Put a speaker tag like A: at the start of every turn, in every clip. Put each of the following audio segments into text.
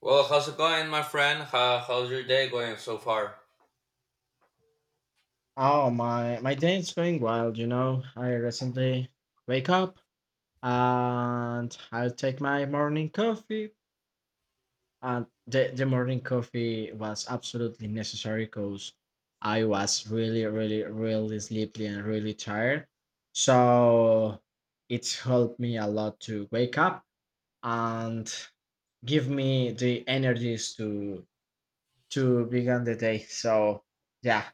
A: Well, how's it going, my friend? How's your day going so far?
B: Oh my day is going wild, you know. I recently wake up and I take my morning coffee and the morning coffee was absolutely necessary because I was really, really, really sleepy and really tired. So it's helped me a lot to wake up and give me the energies to begin the day. So yeah,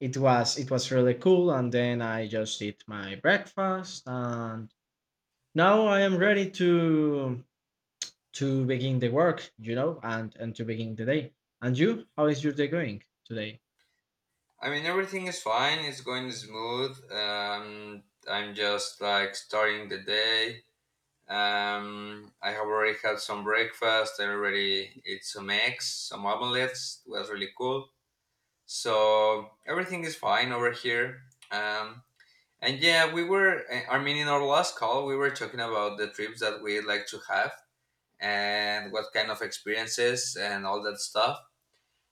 B: it was really cool, and then I just eat my breakfast and now I am ready to begin the work and to begin the day. And you, how is your day going today?
A: I mean, everything is fine. It's going smooth. I'm just like starting the day. I have already had some breakfast. I already ate some eggs, some omelets. It was really cool. So everything is fine over here. Um, and yeah, we were. I mean, in our last call, we were talking about the trips that we like to have and what kind of experiences and all that stuff.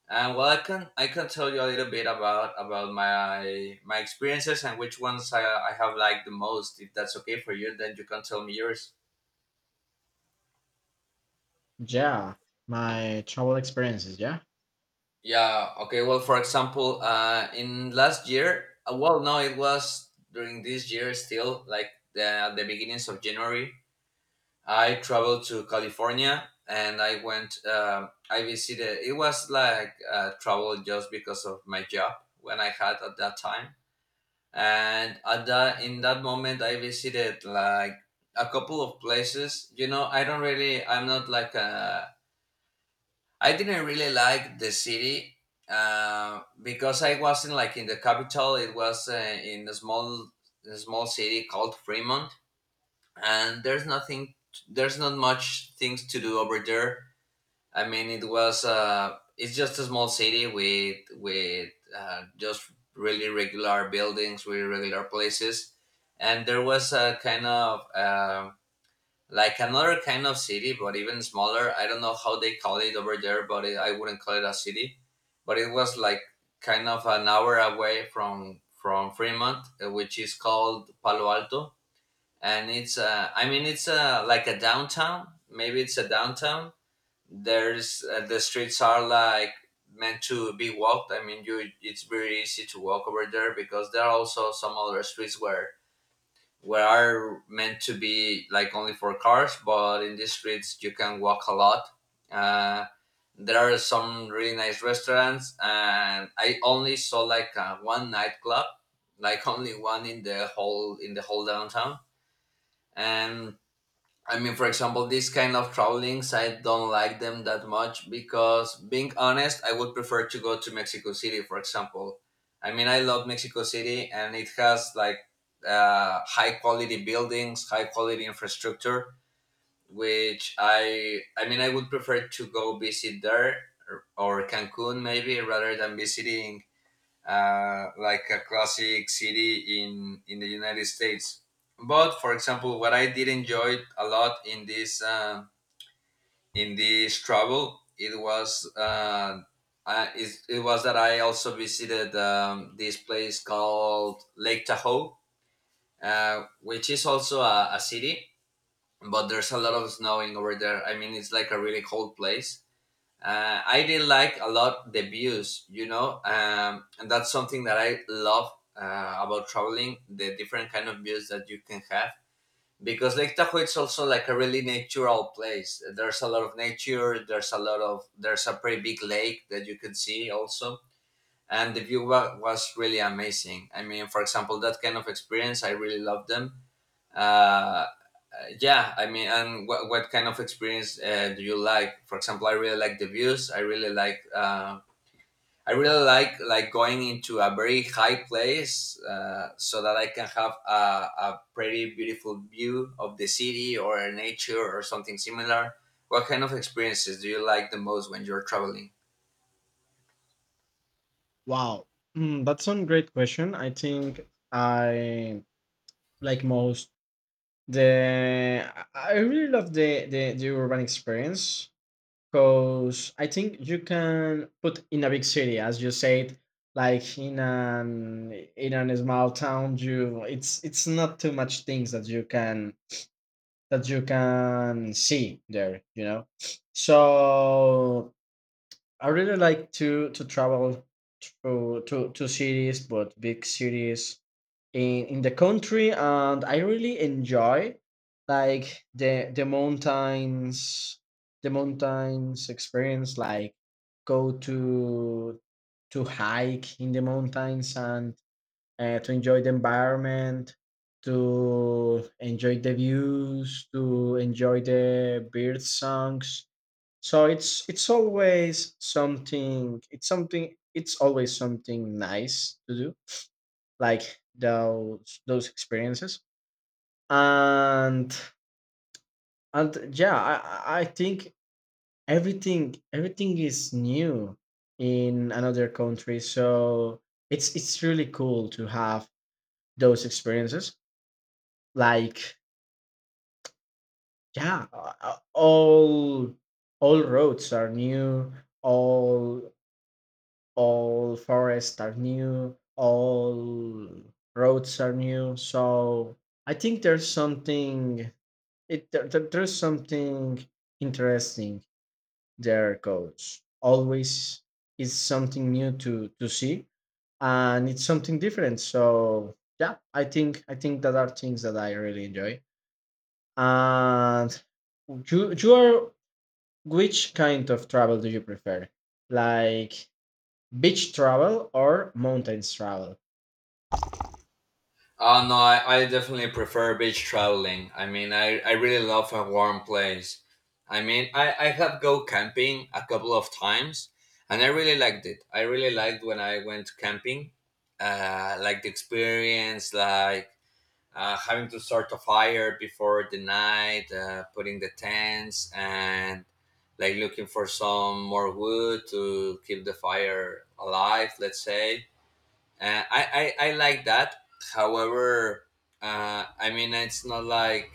A: And well, I can tell you a little bit about my experiences and which ones I have liked the most. If that's okay for you, then you can tell me yours.
B: Yeah, my travel experiences, yeah.
A: Yeah. Okay. Well, for example, in last year, well, no, it was during this year still, like the beginnings of January. I traveled to California and I went. I visited. It was like travel just because of my job when I had at that time and at that in that moment I visited like a couple of places, you know. I don't really I'm not like a I didn't really like the city, because I wasn't like in the capital. It was in a small city called Fremont, and there's not much things to do over there. I mean, it's just a small city with just really regular buildings, really regular places, and there was a kind of like another kind of city, but even smaller. I don't know how they call it over there, but I wouldn't call it a city, but it was like kind of an hour away from Fremont, which is called Palo Alto, and it's I mean it's like a downtown. Maybe it's a downtown. There's the streets are like meant to be walked. I mean, you, it's very easy to walk over there because there are also some other streets where are meant to be like only for cars, but in these streets you can walk a lot. uh, there are some really nice restaurants and I only saw like one nightclub, like only one in the whole downtown. And I mean, for example, this kind of travelings, I don't like them that much because, being honest, I would prefer to go to Mexico City, for example. I mean, I love Mexico City and it has like high quality buildings, high quality infrastructure, which I mean, I would prefer to go visit there or Cancun, maybe, rather than visiting like a classic city in the United States. But for example, what I did enjoy a lot in this travel, it was that I also visited this place called Lake Tahoe, which is also a city, but there's a lot of snowing over there. I mean, it's like a really cold place. I did like a lot the views, you know, and that's something that I love about traveling. The different kind of views that you can have, because Lake Tahoe, it's also like a really natural place. There's a lot of nature. There's a pretty big lake that you can see also, and the was really amazing. I mean, for example, that kind of experience I really love them. Uh, yeah, I mean, and what kind of experience do you like? For example, I really like the views. I really like like going into a very high place, so that I can have a pretty beautiful view of the city or nature or something similar. What kind of experiences do you like the most when you're traveling?
B: Wow. That's one great question. I like most the I really love the urban experience. Because I think you can put in a big city, as you said, like in an in a small town, you it's not too much things that you can see there, you know. So I really like to travel to cities, but big cities in the country. And I really enjoy like the mountains experience, like go to hike in the mountains and to enjoy the environment, to enjoy the views, to enjoy the bird songs. So it's always something it's always something nice to do, like those experiences. And and yeah, I think everything is new in another country, so it's really cool to have those experiences. Like yeah, all roads are new all all forests are new, all roads are new. So I think there's something. There's something interesting there, coach. Always is something new to see, and it's something different. So yeah, I think that are things that I really enjoy. And you are which kind of travel do you prefer? Like beach travel or mountains travel?
A: Oh no, I definitely prefer beach traveling. I mean, I really love a warm place. I mean, I have go camping a couple of times, and I really liked it. I really liked when I went camping, like the experience, like having to start a fire before the night, putting the tents, and like looking for some more wood to keep the fire alive. Let's say uh, I, I like that. However, I mean, it's not like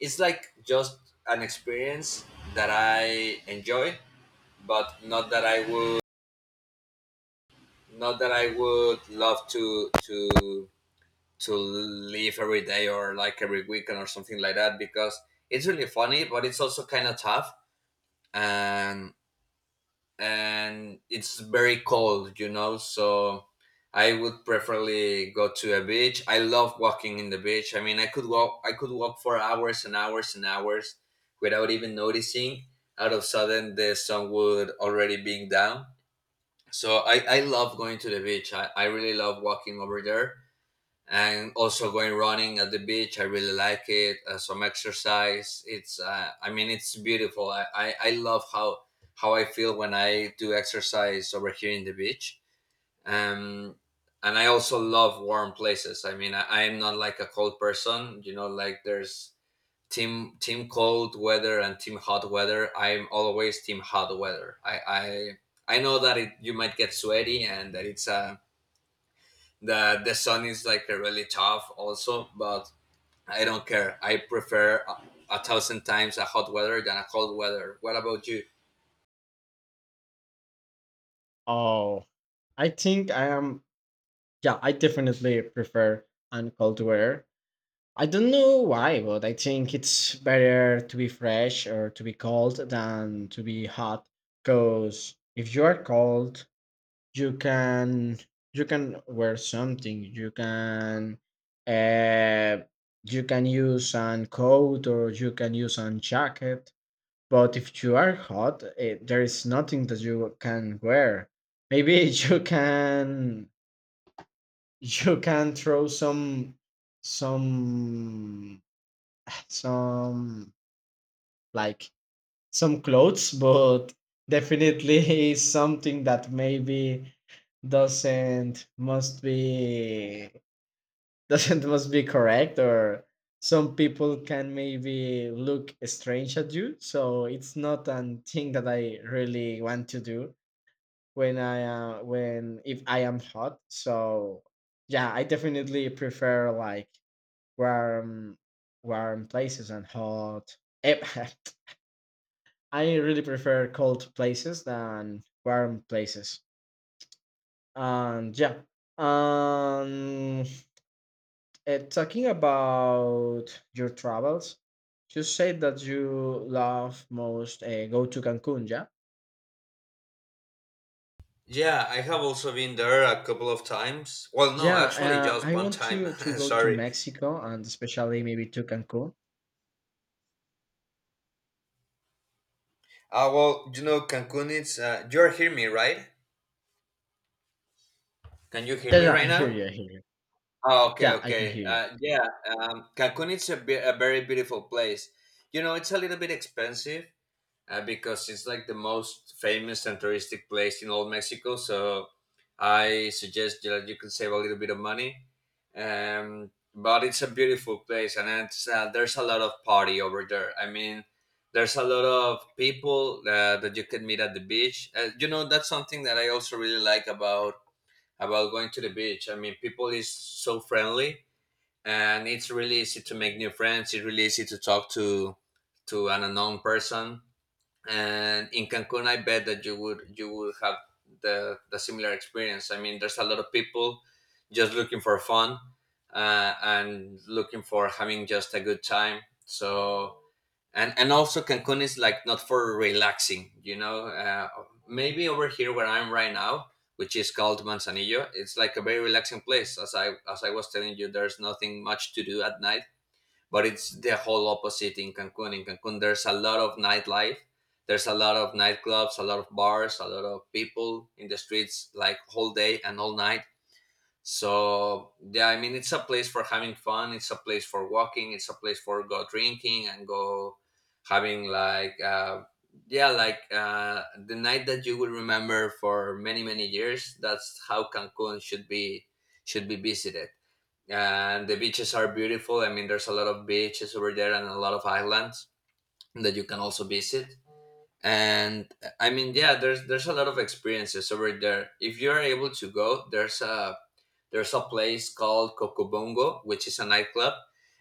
A: it's like just an experience that I enjoy, but not that I would love to to live every day or like every weekend or something like that, because it's really funny, but it's also kind of tough. And it's very cold, you know. So I would preferably go to a beach. I love walking in the beach. I mean, I could walk. I could walk for hours and hours and hours without even noticing. Out of sudden, the sun would already being down. So I love going to the beach. I really love walking over there, and also going running at the beach. I really like it. Some exercise, it's I mean, it's beautiful. I love how I feel when I do exercise over here in the beach. um and I also love warm places. I mean, I am not like a cold person, you know. Like there's team cold weather and team hot weather. I'm always team hot weather. I know that you might get sweaty and that it's a the sun is like a really tough also, but I don't care. I prefer a thousand times a hot weather than a cold weather. What about you?
B: Oh, I think I am. Yeah, I definitely prefer and cold weather. I don't know why, but I think it's better to be fresh or to be cold than to be hot. Because if you are cold, you can wear something. Uh, you can use an coat or you can use an jacket. But if you are hot, eh, there is nothing that you can wear. Maybe you can throw some some some like some clothes, but definitely is something that maybe doesn't must be doesn't must be correct, or some people can maybe look strange at you, so it's not a thing that I really want to do when I when if I am hot. So yeah, I definitely prefer like warm warm places and hot, eh, I really prefer cold places than warm places. And yeah, um, talking about your travels, you said that you love most go to Cancun, yeah?
A: Yeah, I have also been there a couple of times. Well, no,
B: Yeah,
A: actually, just
B: I
A: one
B: want
A: time.
B: to go to
A: Sorry.
B: Mexico and especially maybe to Cancun.
A: Well, you know, Cancun, it's. You're hearing me, right? Can you hear
B: Yeah,
A: me
B: yeah,
A: right
B: I hear
A: now?
B: you, I hear you.
A: Oh, okay,
B: Yeah, I can
A: okay.
B: hear you.
A: Yeah, Cancun is a very beautiful place. You know, it's a little bit expensive, because it's like the most famous and touristic place in all Mexico. So I suggest that you can save a little bit of money. But it's a beautiful place, and there's a lot of party over there. I mean, there's a lot of people that you can meet at the beach. You know, that's something that I also really like about going to the beach. I mean, people is so friendly, and it's really easy to make new friends. It's really easy to talk to an unknown person, and in Cancun, I bet that you would have the similar experience. I mean, there's a lot of people just looking for fun and looking for having just a good time. So and also Cancun is like not for relaxing, you know. Maybe over here where I'm right now, which is called Manzanillo, it's like a very relaxing place. As I was telling you, there's nothing much to do at night, but it's the whole opposite in Cancun. In Cancun, there's a lot of nightlife. There's a lot of nightclubs, a lot of bars, a lot of people in the streets like whole day and all night. So yeah, I mean, it's a place for having fun. It's a place for walking. It's a place for go drinking and go having like the night that you will remember for many, many years. That's how Cancun should be visited. And the beaches are beautiful. I mean, there's a lot of beaches over there and a lot of islands that you can also visit. And I mean, yeah, there's a lot of experiences over there if you're able to go. There's a place called Cocobongo, which is a nightclub,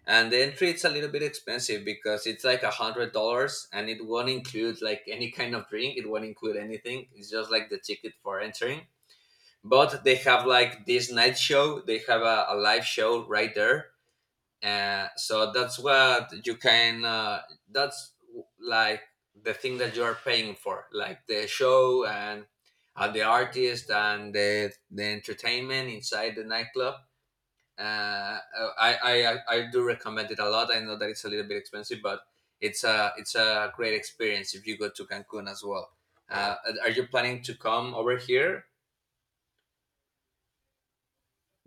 A: and the entry, it's a little bit expensive because it's like $100, and it won't include like any kind of drink. It won't include anything. It's just like the ticket for entering, but they have like this night show. They have a live show right there. So that's what you can that's like the thing that you are paying for, like the show and the artist and the entertainment inside the nightclub. I do recommend it a lot. I know that it's a little bit expensive, but it's a great experience if you go to Cancun as well. uh, are you planning to come over here?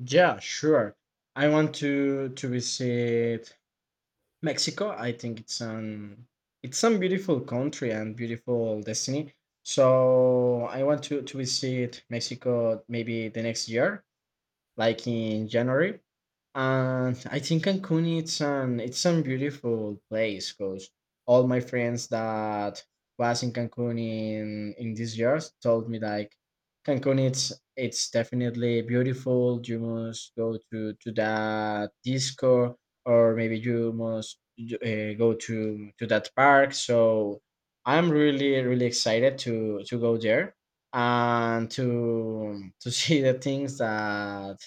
B: Yeah, sure. I want to visit Mexico. I think it's some beautiful country and beautiful destiny. So I want to visit Mexico maybe the next year, like in January. And I think Cancun, it's a beautiful place because all my friends that was in Cancun in these years told me like Cancun, it's definitely beautiful. You must go to that disco, or maybe you must go to that park. So I'm really really excited to go there and to see the things that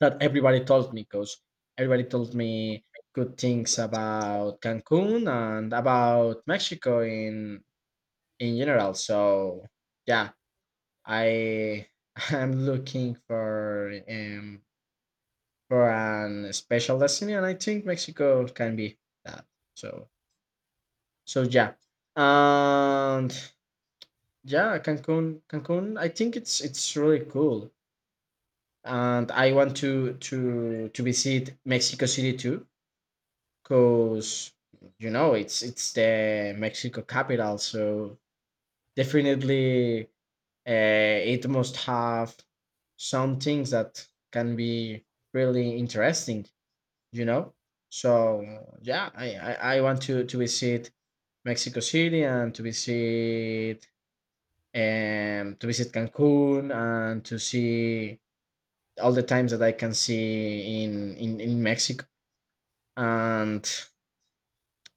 B: that everybody told me because everybody told me good things about Cancun and about Mexico in general. So yeah, I I'm looking for an special destiny, and I think Mexico can be that. So so yeah. And yeah, Cancun. I think it's really cool, and I want to visit Mexico City too because you know it's the Mexico capital, so definitely it must have some things that can be really interesting, you know. So yeah, I want to visit Mexico City and to visit Cancun and to see all the times that I can see in in Mexico, and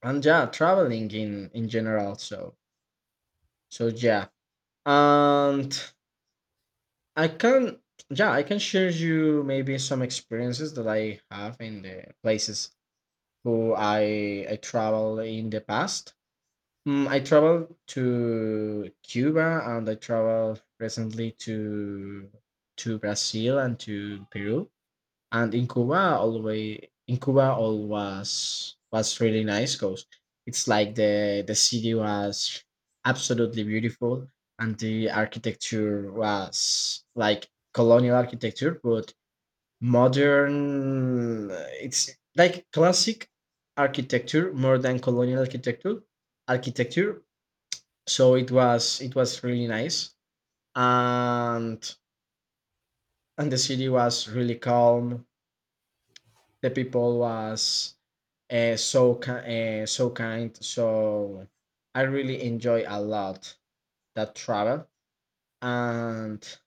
B: and yeah, traveling in general. So yeah. and I can Yeah, I can share you maybe some experiences that I have in the places who I travel in the past. I traveled to Cuba and I traveled recently to Brazil and to Peru. And in Cuba, all was really nice because it's like the city was absolutely beautiful, and the architecture was like colonial architecture, but modern. It's like classic architecture more than colonial architecture. Architecture. So it was really nice, and and the city was really calm, the people was so kind. So I really enjoy a lot that travel. and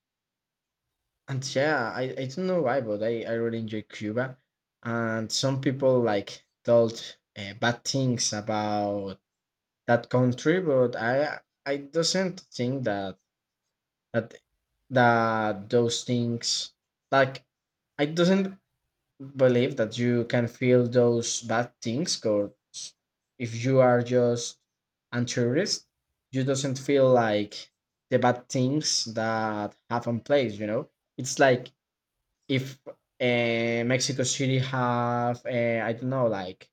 B: and yeah, I don't know why, but I really enjoy Cuba. And some people like told bad things about that country, but I doesn't think that that those things, like, I doesn't believe that you can feel those bad things because if you are just a tourist, you doesn't feel like the bad things that happen place, you know. It's like if Mexico City have, I don't know like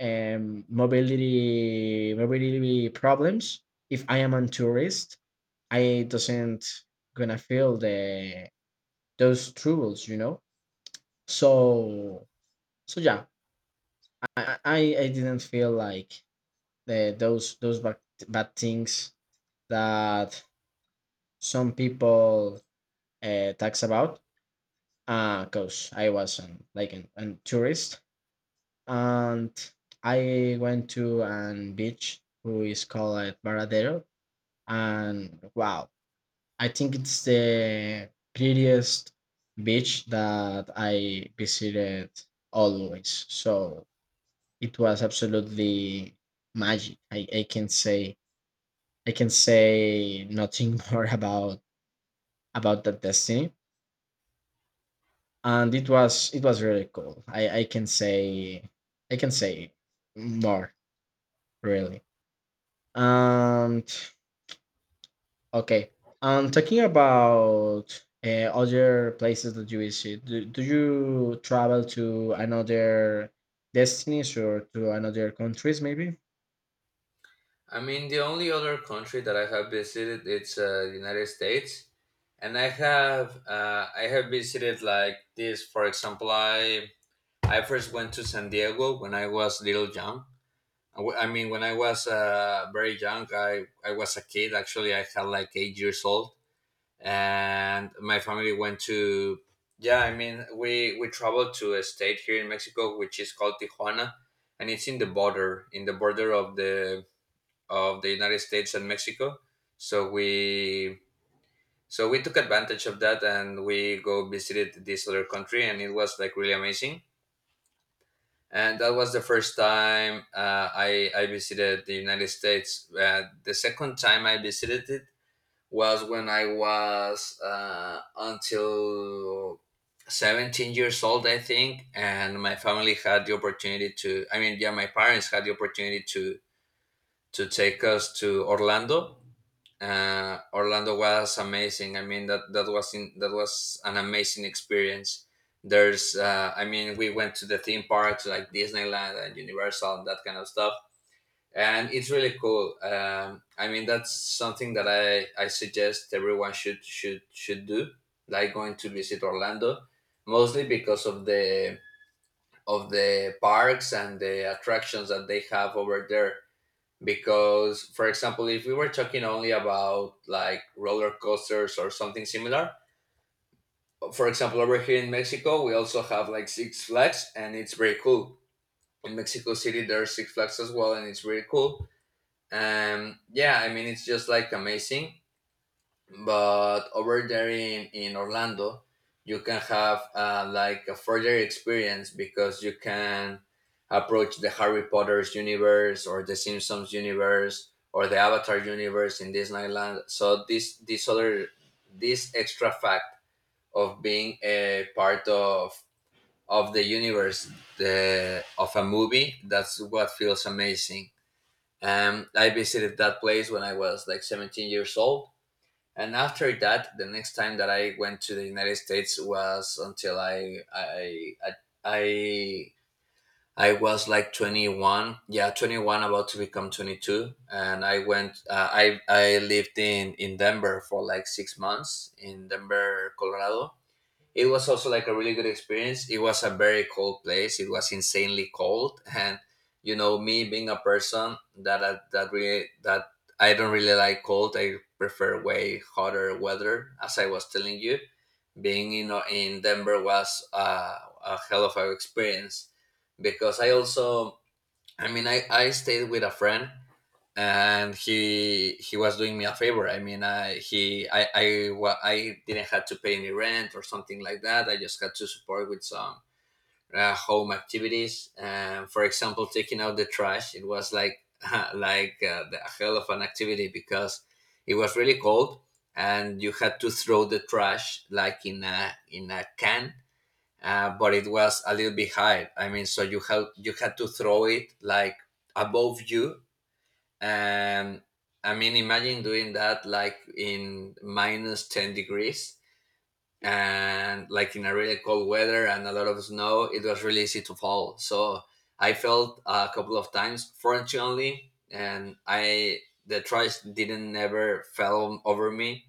B: mobility problems, if I am a tourist, I doesn't gonna feel the those troubles, you know. So so yeah, I, I I didn't feel like the, those bad things that some people talks about because I was like an tourist. And I went to an beach who is called Baradero, and wow, I think it's the prettiest beach that I visited always. So it was absolutely magic. I can say nothing more about that destiny. And it was really cool. I can say more, really. And okay, I'm talking about other places that you visit. Do you travel to another destinies or to another countries maybe?
A: I mean, the only other country that I have visited, it's the United States, and I have visited like this. For example, I first went to San Diego when I was little young. I mean, when I was very young, I was a kid. Actually, I had like 8 years old, and my family went to. Yeah, we traveled to a state here in Mexico which is called Tijuana, and it's in the border of the United States and Mexico. So we so we took advantage of that and we go visited this other country and it was like really amazing. And that was the first time I visited the United States. The second time I visited it was when I was until 17 years old, I think, and my family had the opportunity to. My parents had the opportunity to take us to Orlando. Uh, Orlando was amazing. That was that was an amazing experience. We went to the theme parks like Disneyland and Universal and that kind of stuff, and it's really cool. That's something that I suggest everyone should do, like going to visit Orlando, mostly because of the parks and the attractions that they have over there, because for example if we were talking only about like roller coasters or something similar, for example over here in Mexico we also have like Six Flags and it's very cool. In Mexico City there are Six Flags as well and it's really cool. Yeah it's just like amazing. But over there in Orlando, you can have like a further experience because you can approach the Harry Potter's universe or the Simpsons universe or the Avatar universe in Disneyland. So this other this extra fact of being a part of the universe of a movie, that's what feels amazing. I visited that place when I was like 17 years old, and after that, the next time that I went to the United States was until I, I was like 21. Yeah, 21, about to become 22. And I went. I lived in Denver for like 6 months in Denver, Colorado. It was also like a really good experience. It was a very cold place. It was insanely cold, and you know me being a person that that, that really that I don't really like cold. I prefer way hotter weather, as I was telling you. Being in Denver was a hell of an experience because I also I stayed with a friend, and he was doing me a favor. I I didn't have to pay any rent or something like that. I just had to support with some home activities. For example, taking out the trash, it was like like the hell of an activity because it was really cold, and you had to throw the trash like in a can. But it was a little bit high, so you had to throw it like above you. And imagine doing that like in minus 10 degrees and like in a really cold weather and a lot of snow. It was really easy to fall, so I fell a couple of times, fortunately, and I the tries didn't never fell over me.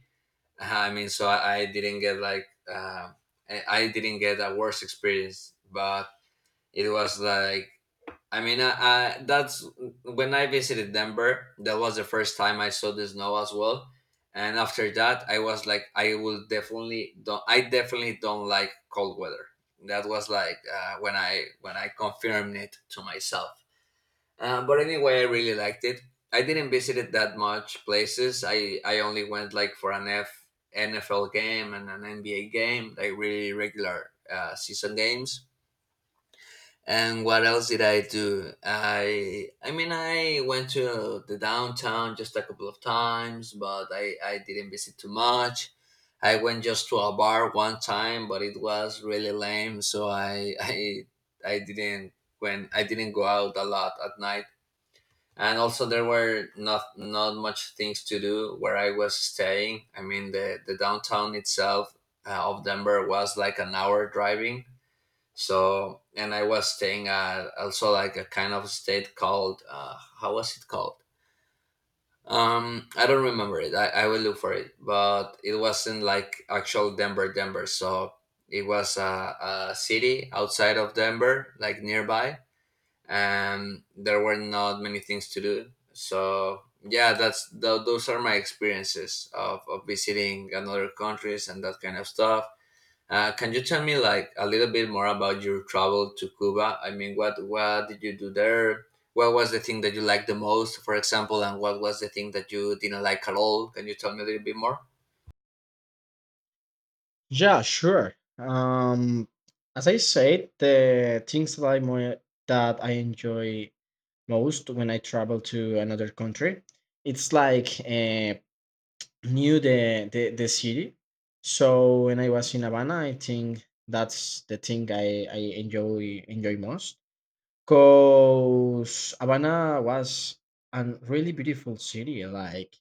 A: I didn't get like uh, I didn't get a worse experience, but it was like I mean, I, that's when I visited Denver. That was the first time I saw the snow as well. And after that, I was like, I will definitely don't. I definitely don't like cold weather. That was like when I confirmed it to myself. But anyway, I really liked it. I didn't visit it that much places. I only went like for an F NFL game and an NBA game, like really regular season games. And what else did I do? I went to the downtown just a couple of times, but I didn't visit too much. I went just to a bar one time, but it was really lame, so I I didn't I didn't go out a lot at night. And also there were not much things to do where I was staying. I mean the downtown itself of Denver was like an hour driving. So, and I was staying at also like a kind of state called, how was it called? I don't remember it. I will look for it, but it wasn't like actual Denver, Denver. So it was a city outside of Denver, like nearby, and there were not many things to do. So yeah, that's those are my experiences of visiting another countries and that kind of stuff. Can you tell me like a little bit more about your travel to Cuba? I mean, what did you do there? What was the thing that you liked the most, for example, and what was the thing that you didn't like at all? Can you tell me a little bit more?
B: Yeah, sure. As I said, the things that I more that I enjoy most when I travel to another country, it's like new the city. So when I was in Havana, I think that's the thing I enjoy most. Cause Havana was a really beautiful city. Like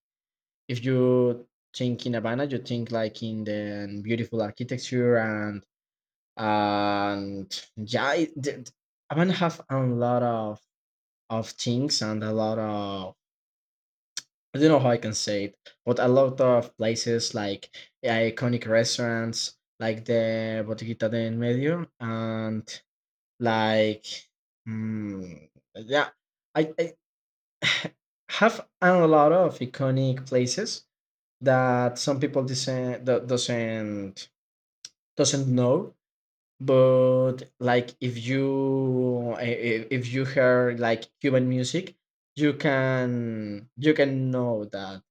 B: if you think in Havana, you think like in the beautiful architecture. And yeah, Havana have a lot of things and a lot of, I don't know how I can say it, but a lot of places like iconic restaurants like the Botiquita de En Medio, and like, mm, yeah, I, I have a lot of iconic places that some people doesn't doesn't know. But like if you if you hear like Cuban music, you can know that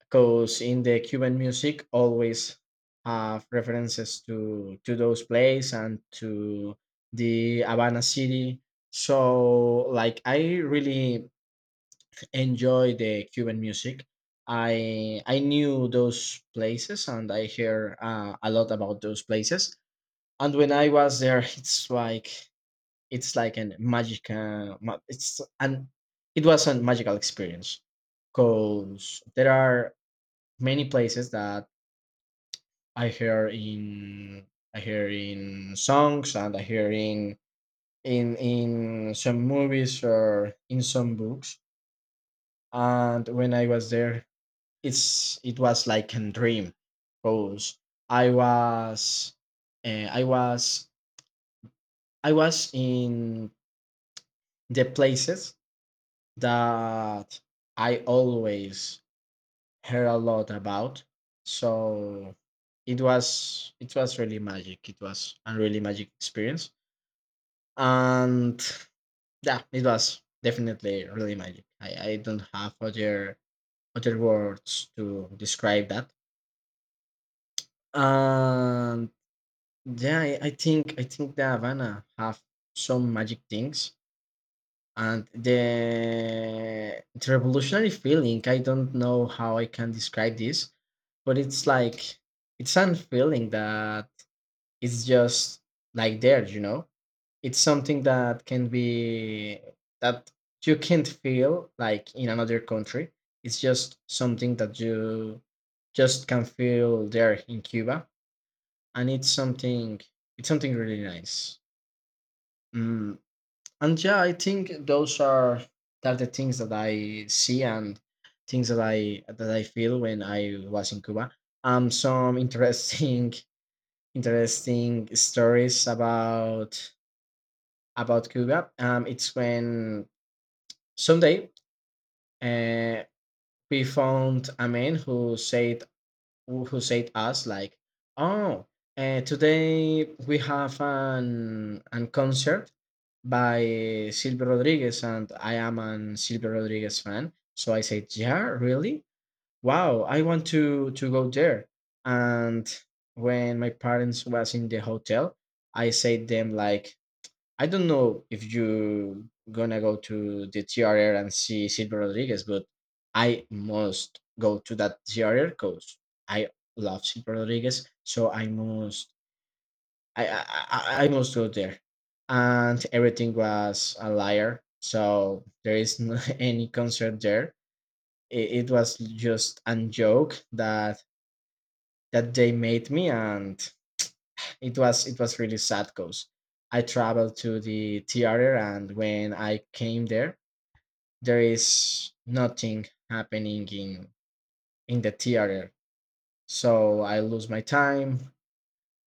B: because in the Cuban music always have references to those plays and to the Havana city. So like I really enjoy the Cuban music. I knew those places, and I hear a lot about those places. And when I was there, it's like an magic. It's an it was a magical experience because there are many places that I hear in I hear in songs and I hear in in some movies or in some books. And when I was there, it was like a dream, because I was uh, I was I was in the places that I always heard a lot about. So it was really magic. It was a really magic experience. And yeah, it was definitely really magic. I don't have other words to describe that. And yeah, I think the Havana have some magic things, and the revolutionary feeling, I don't know how I can describe this, but it's like it's a feeling that it's just like there, you know. It's something that can be that you can't feel like in another country. It's just something that you just can feel there in Cuba. And it's something, it's something really nice. mm. And yeah, I think those are that are the things that I see, and things that I feel when I was in Cuba. Some interesting interesting stories about Cuba. It's when someday uh, we found a man who said us like, oh, today we have an concert by Silvio Rodriguez, and I am an Silvio Rodriguez fan. So I said, yeah, really? Wow, I want to go there. And when my parents was in the hotel, I said them like, I don't know if you gonna go to the TRR and see Silver Rodriguez, but I must go to that TRR because I love Silver Rodriguez, so I, I I must go there. And everything was a liar, so there is no any concert there. It was just a joke that that they made me, and it was really sad because I traveled to the theater, and when I came there, there is nothing happening in the theater. So I lose my time.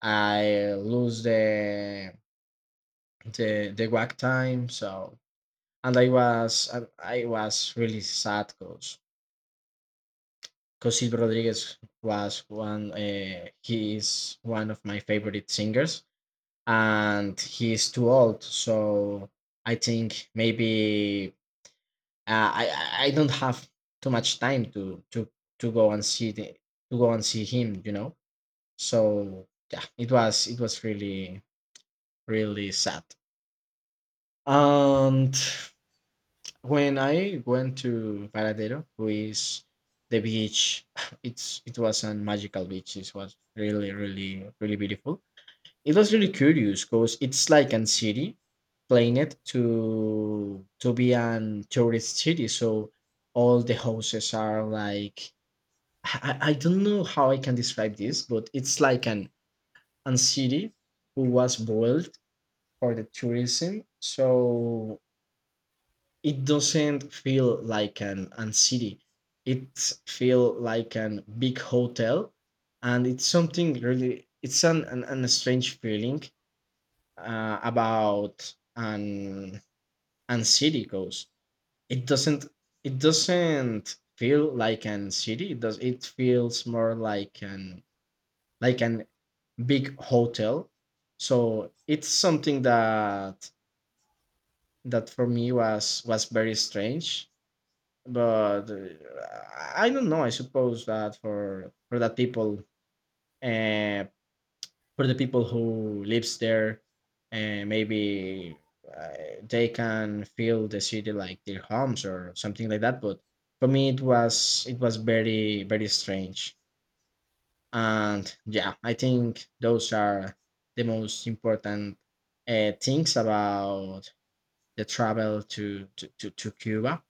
B: I lose the the work time. So, and I was really sad because Rodriguez was one, he is one of my favorite singers, and he's too old. So I think maybe, uh, I I don't have too much time to go and see the to go and see him. You know. So yeah, it was really really sad. And when I went to Paradero, who is the beach, it was a magical beach. It was really really really beautiful. It was really curious because it's like an city planet to be an tourist city, so all the houses are like, I don't know how I can describe this, but it's like an city who was built for the tourism. So it doesn't feel like an city. It feel like an big hotel, and it's something really. It's an strange feeling about an anxiety goes. It doesn't it doesn't feel like an city. It does, it feels more like an big hotel. So it's something that for me was very strange. But I don't know. I suppose that for that people, uh, for the people who lives there, and maybe uh, they can feel the city like their homes or something like that. But for me, it was very very strange. And yeah, I think those are the most important things about the travel to Cuba.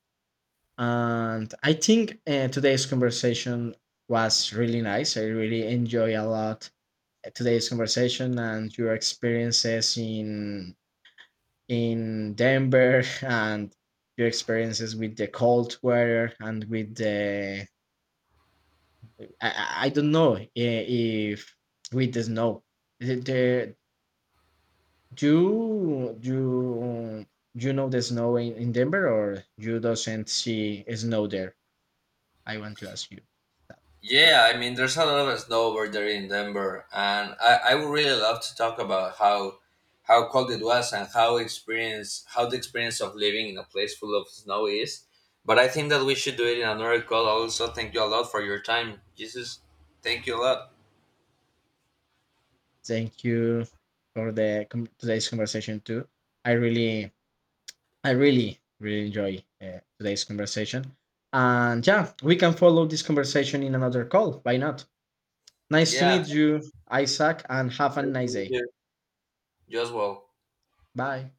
B: And I think, today's conversation was really nice. I really enjoy a lot today's conversation, and your experiences in Denver and your experiences with the cold weather and with the, I don't know if with the snow. The, the, do you know the snow in Denver, or you doesn't see snow there? I want to ask you.
A: Yeah, I mean, there's a lot of snow over there in Denver, and I would really love to talk about how cold it was and how experience how the experience of living in a place full of snow is. But I think that we should do it in another call. Also, thank you a lot for your time, Jesus. Thank you a lot.
B: Thank you for the today's conversation too. I really, really enjoy today's conversation. And yeah, we can follow this conversation in another call. Why not? Nice to
A: Yeah,
B: meet you, Isaac, and have a
A: nice to
B: nice
A: meet
B: day.
A: you. You as well.
B: Bye.